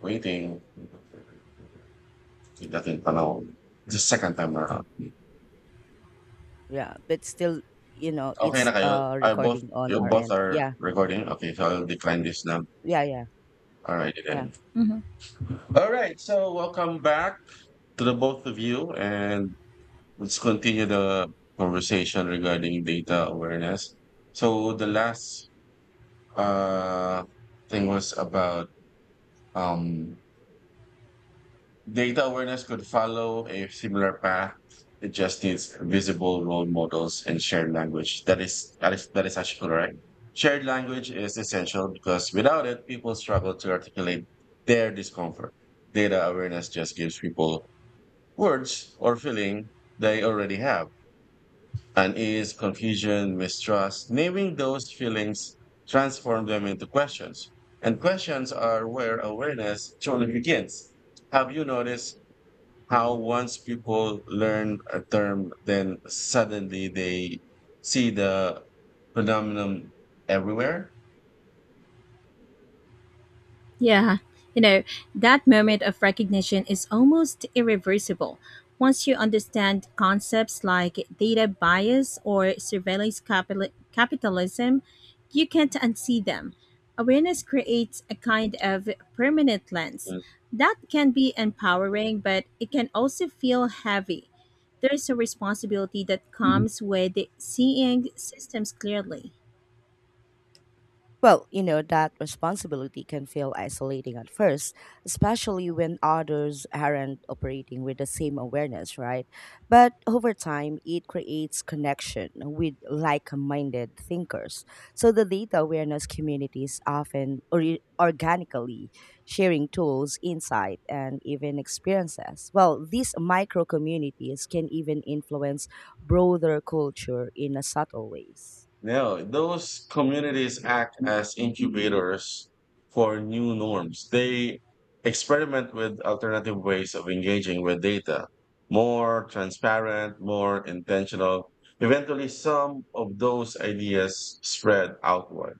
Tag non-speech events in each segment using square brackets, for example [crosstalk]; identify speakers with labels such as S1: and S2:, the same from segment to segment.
S1: Waiting. It doesn't. The second time around.
S2: Yeah, but still, you know,
S1: Okay
S2: it's
S1: na kayo? I both,
S2: recording on
S1: you
S2: our
S1: both
S2: end.
S1: are
S2: Yeah,
S1: recording? Okay, so I'll decline this now.
S2: yeah.
S1: Alright,
S2: uh,
S1: then.
S3: Mhm.
S1: Alright, so welcome back to the both of you and let's continue the conversation regarding data awareness. So the last uh thing was about um data awareness could follow a similar path. It just needs visible role models and shared language. That is actually correct. Shared language is essential because without it, people struggle to articulate their discomfort. Data awareness just gives people words or feeling they already have. Unease, confusion, mistrust. Naming those feelings transform them into questions. And questions are where awareness truly begins. Have you noticed how once people learn a term, then suddenly they see the phenomenon everywhere.
S3: Yeah, you know, that moment of recognition is almost irreversible. Once you understand concepts like data bias or surveillance capitalism, you can't unsee them. Awareness creates a kind of permanent lens. That can be empowering, but it can also feel heavy. There is a responsibility that
S1: Mm.
S3: comes with seeing systems clearly.
S2: Well, you know, that responsibility can feel isolating at first, especially when others aren't operating with the same awareness, right? But over time, it creates connection with like minded thinkers. So the data awareness communities organically sharing tools, insight, and even experiences. Well, these micro communities can even influence broader culture in a subtle ways.
S1: Now, those communities act as incubators for new norms. They experiment with alternative ways of engaging with data, more transparent, more intentional. Eventually, some of those ideas spread outward.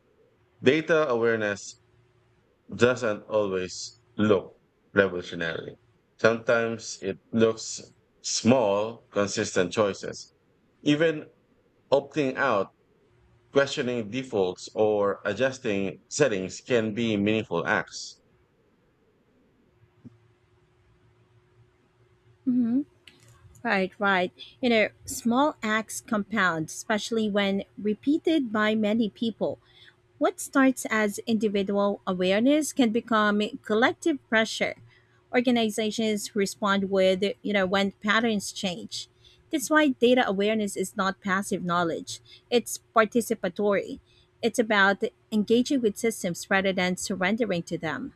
S1: Data awareness doesn't always look revolutionary. Sometimes it looks small, consistent choices. Even opting out, questioning defaults, or adjusting settings can be meaningful acts.
S3: Right, right. You know, small acts compound, especially when repeated by many people. What starts as individual awareness can become collective pressure. Organizations respond with, when patterns change. That's why data awareness is not passive knowledge, it's participatory. It's about engaging with systems rather than surrendering to them.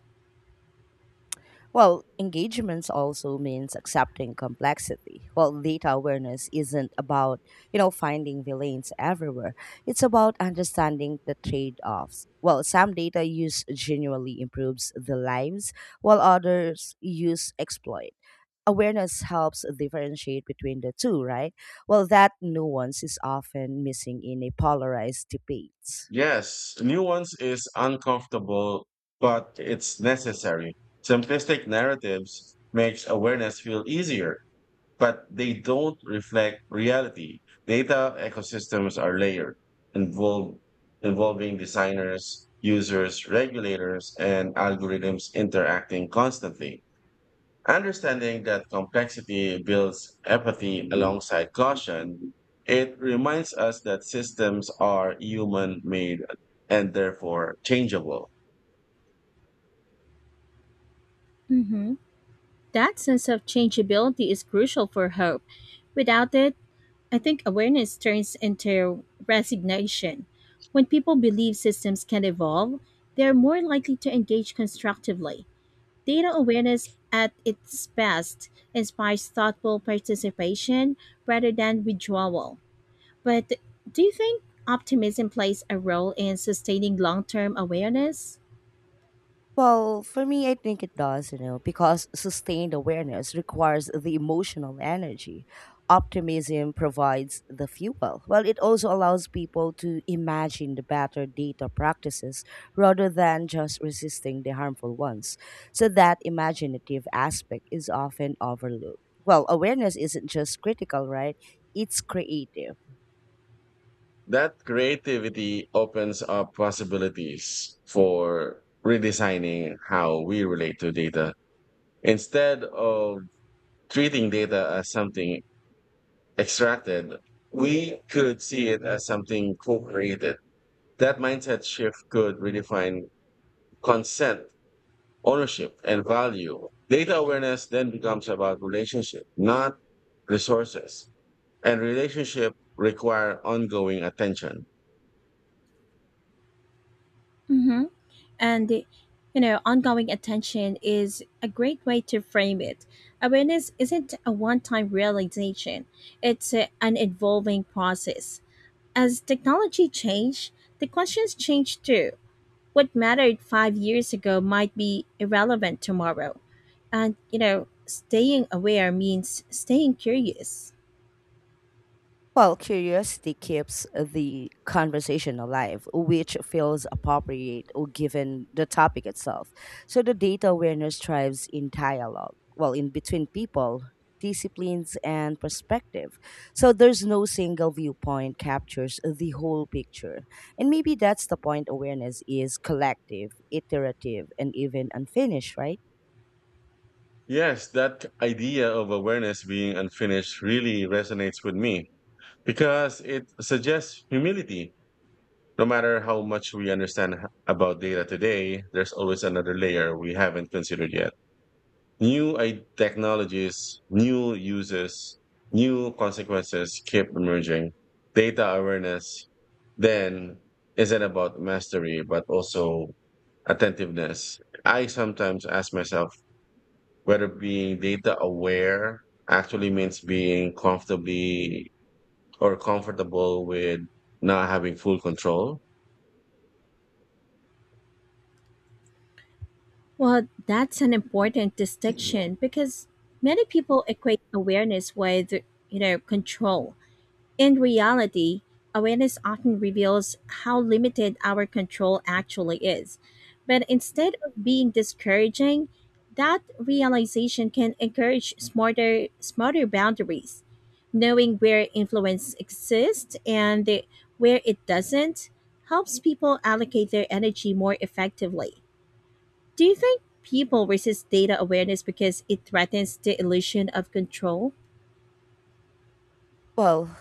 S2: Well, engagements also means accepting complexity. Well, data awareness isn't about, you know, finding villains everywhere. It's about understanding the trade-offs. Well, some data use genuinely improves the lives, while others use exploit. Awareness helps differentiate between the two, right? Well, that nuance is often missing in a polarized debate.
S1: Yes, nuance is uncomfortable, but it's necessary. Simplistic narratives makes awareness feel easier, but they don't reflect reality. Data ecosystems are layered, involve, involving designers, users, regulators, and algorithms interacting constantly. Understanding that complexity builds empathy alongside caution. It reminds us that systems are human made and therefore changeable.
S3: Hmm. That sense of changeability is crucial for hope. Without it, I think awareness turns into resignation. When people believe systems can evolve, they're more likely to engage constructively. Data awareness at its best inspires thoughtful participation rather than withdrawal. But do you think optimism plays a role in sustaining long term awareness?
S2: Well, for me, I think it does, you know, because sustained awareness requires the emotional energy. Optimism provides the fuel. Well, it also allows people to imagine the better data practices rather than just resisting the harmful ones. So, that imaginative aspect is often overlooked. Well, awareness isn't just critical, right? It's creative.
S1: That creativity opens up possibilities for redesigning how we relate to data. Instead of treating data as something extracted, we could see it as something co created. That mindset shift could redefine consent, ownership, and value. Data awareness then becomes about relationship, not resources. And relationship require ongoing attention.
S3: Hmm. And, you know, ongoing attention is a great way to frame it. Awareness isn't a one time realization, it's an evolving process. As technology changes, the questions change too. What mattered five years ago might be irrelevant tomorrow. And, you know, staying aware means staying curious.
S2: Well, curiosity keeps the conversation alive, which feels appropriate or given the topic itself. So the data awareness thrives in dialogue, well, in between people, disciplines, and perspective. So there's no single viewpoint captures the whole picture. And maybe that's the point awareness is collective, iterative, and even unfinished, right?
S1: Yes, that idea of awareness being unfinished really resonates with me because it suggests humility. No matter how much we understand about data today, there's always another layer we haven't considered yet. New technologies, new uses, new consequences keep emerging. Data awareness then isn't about mastery, but also attentiveness. I sometimes ask myself whether being data aware actually means being comfortably or comfortable with not having full control.
S3: Well, that's an important distinction because many people equate awareness with, you know, control. In reality, awareness often reveals how limited our control actually is. But instead of being discouraging, that realization can encourage smarter boundaries. Knowing where influence exists and where it doesn't helps people allocate their energy more effectively. Do you think people resist data awareness because it threatens the illusion of control?
S2: Well,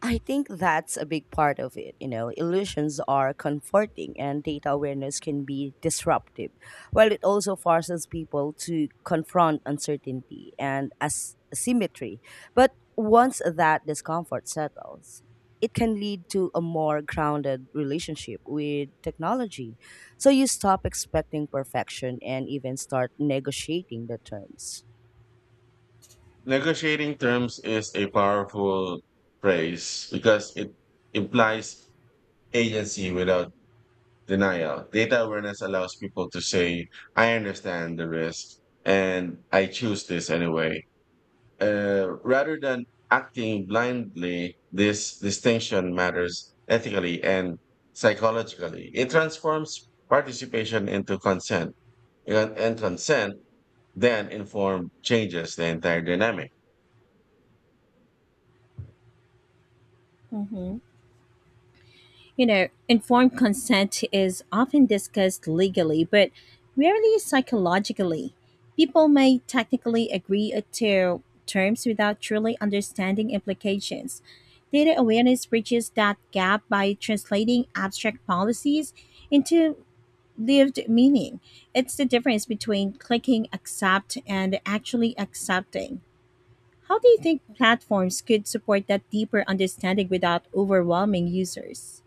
S2: I think that's a big part of it. You know, illusions are comforting and data awareness can be disruptive, while it also forces people to confront uncertainty and asymmetry. But once that discomfort settles, it can lead to a more grounded relationship with technology. So you stop expecting perfection and even start negotiating the terms.
S1: Negotiating terms is a powerful phrase because it implies agency without denial. Data awareness allows people to say, I understand the risk and I choose this anyway. Rather than acting blindly, this distinction matters ethically and psychologically. It transforms participation into consent, and consent then informed changes the entire dynamic.
S3: Hmm. You know, informed consent is often discussed legally, but rarely psychologically. People may technically agree to terms without truly understanding implications. Data awareness bridges that gap by translating abstract policies into lived meaning. It's the difference between clicking accept and actually accepting. How do you think platforms could support that deeper understanding without overwhelming users?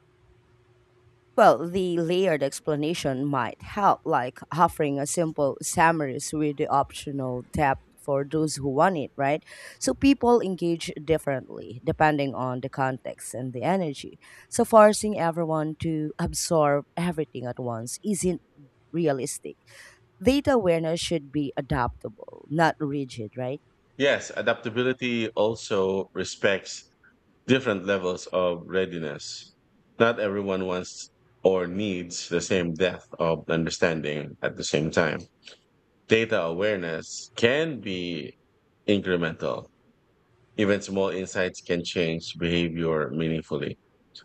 S2: Well, the layered explanation might help, like offering a simple summaries with the optional tab for those who want it, right? So people engage differently depending on the context and the energy. So forcing everyone to absorb everything at once isn't realistic. Data awareness should be adaptable, not rigid, right?
S1: Yes, adaptability also respects different levels of readiness. Not everyone wants or needs the same depth of understanding at the same time. Data awareness can be incremental. Even small insights can change behavior meaningfully.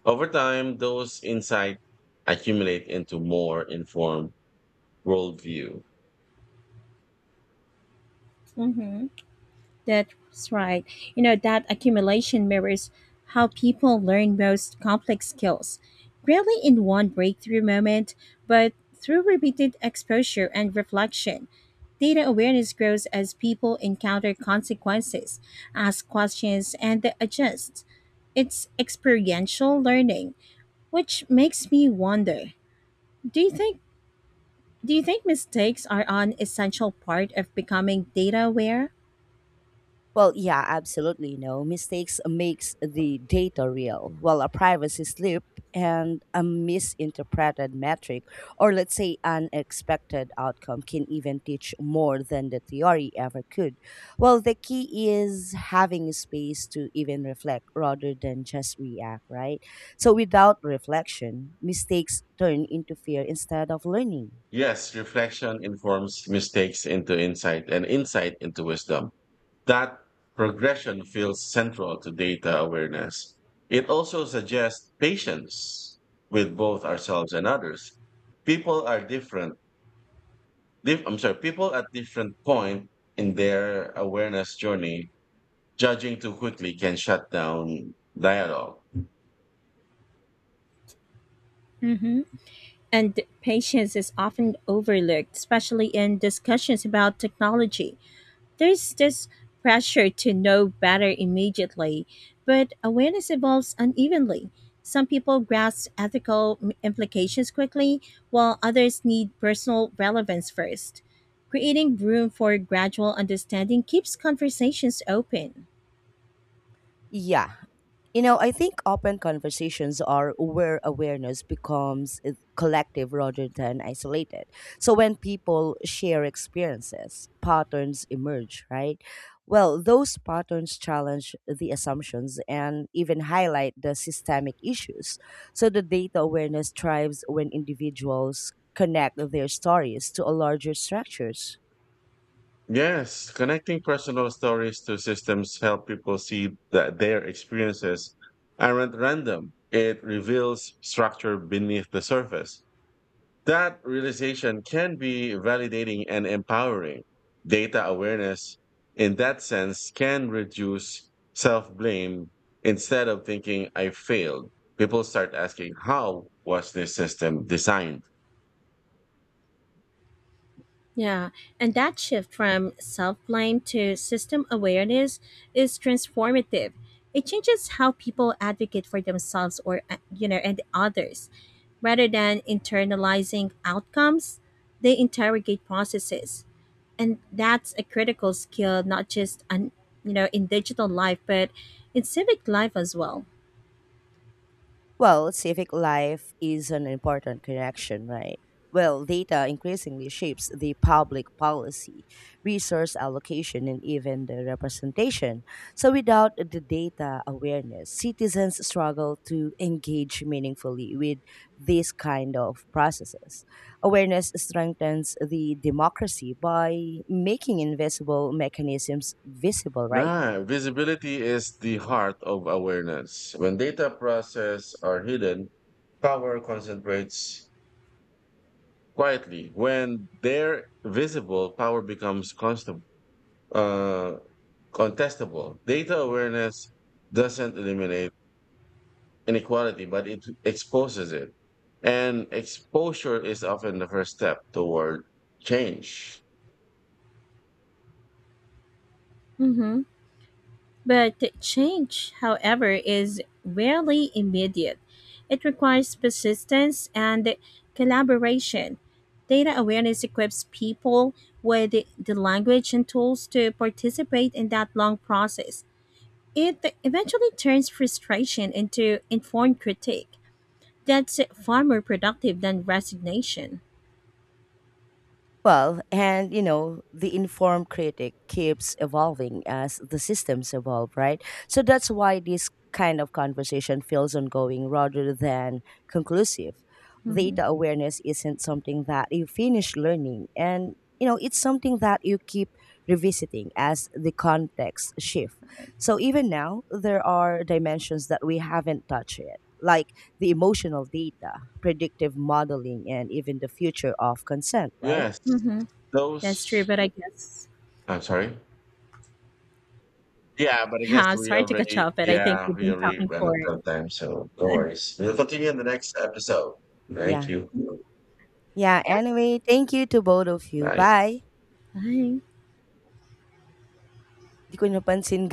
S1: Over time, those insights accumulate into more informed worldview.
S3: Hmm. That's right. You know, that accumulation mirrors how people learn most complex skills, rarely in one breakthrough moment, but through repeated exposure and reflection. Data awareness grows as people encounter consequences, ask questions, and adjust. It's experiential learning, which makes me wonder, do you think do you think mistakes are an essential part of becoming data aware?
S2: Well, yeah, absolutely. No mistakes makes the data real, while a privacy slip and a misinterpreted metric, or let's say unexpected outcome, can even teach more than the theory ever could. Well, the key is having space to even reflect rather than just react, right? So without reflection, mistakes turn into fear instead of learning.
S1: Yes, reflection informs mistakes into insight and insight into wisdom. That progression feels central to data awareness. It also suggests patience with both ourselves and others. People are different. Dif- I'm sorry, people at different point in their awareness journey. Judging too quickly can shut down dialogue.
S3: Hmm. And patience is often overlooked, especially in discussions about technology. There's this pressure to know better immediately, but awareness evolves unevenly. Some people grasp implications quickly, while others need personal relevance first. Creating room for gradual understanding keeps conversations open.
S2: Yeah, you know, I think open conversations are where awareness becomes collective rather than isolated. So when people share experiences, patterns emerge, right? Well, those patterns challenge the assumptions and even highlight the systemic issues. So the data awareness thrives when individuals connect their stories to a larger structures.
S1: Yes, connecting personal stories to systems help people see that their experiences aren't random. It reveals structure beneath the surface. That realization can be validating and empowering. Data awareness, in that sense, can reduce self blame. Instead of thinking I failed, people start asking, how was this system designed?
S3: Yeah, and that shift from self blame to system awareness is transformative. It changes how people advocate for themselves or and others. Rather than internalizing outcomes, they interrogate processes. And that's a critical skill, not just, on, you know, in digital life, but in civic life as well.
S2: Well, civic life is an important connection, right? Well, data increasingly shapes the public policy, resource allocation, and even the representation. So, without the data awareness, citizens struggle to engage meaningfully with these kind of processes. Awareness strengthens the democracy by making invisible mechanisms visible, right?
S1: Ah, visibility is the heart of awareness. When data process are hidden, power concentrates quietly. When they're visible, power becomes uh, contestable. Data awareness doesn't eliminate inequality, but it exposes it. And exposure is often the first step toward change.
S3: Mm-hmm. But change, however, is rarely immediate. It requires persistence and collaboration. Data awareness equips people with the language and tools to participate in that long process. It eventually turns frustration into informed critique. That's far more productive than resignation.
S2: Well, and you know, the informed critic keeps evolving as the systems evolve, right? So that's why this kind of conversation feels ongoing rather than conclusive.
S3: Hmm.
S2: Data awareness isn't something that you finish learning, and you know, it's something that you keep revisiting as the context shift. So even now, there are dimensions that we haven't touched yet, like the emotional data, predictive modeling, and even the future of consent, right?
S1: Yes,
S3: Hmm. That's true,
S1: those —
S3: but I guess,
S1: I'm sorry? Yeah, but I guess
S3: yeah, I'm
S1: we
S3: sorry to cut you
S1: already,
S3: off, but I think
S1: yeah,
S3: we've
S1: we
S3: been
S1: already
S3: talking
S1: ran
S3: for
S1: out
S3: it.
S1: of time, so no
S3: [laughs]
S1: worries. We'll continue in the next episode. Thank
S2: Yeah.
S1: you.
S2: Yeah,
S3: Yeah,
S2: anyway, thank you to both of you.
S1: Bye.
S2: Bye.
S3: bye.
S2: Di ko napansin [laughs]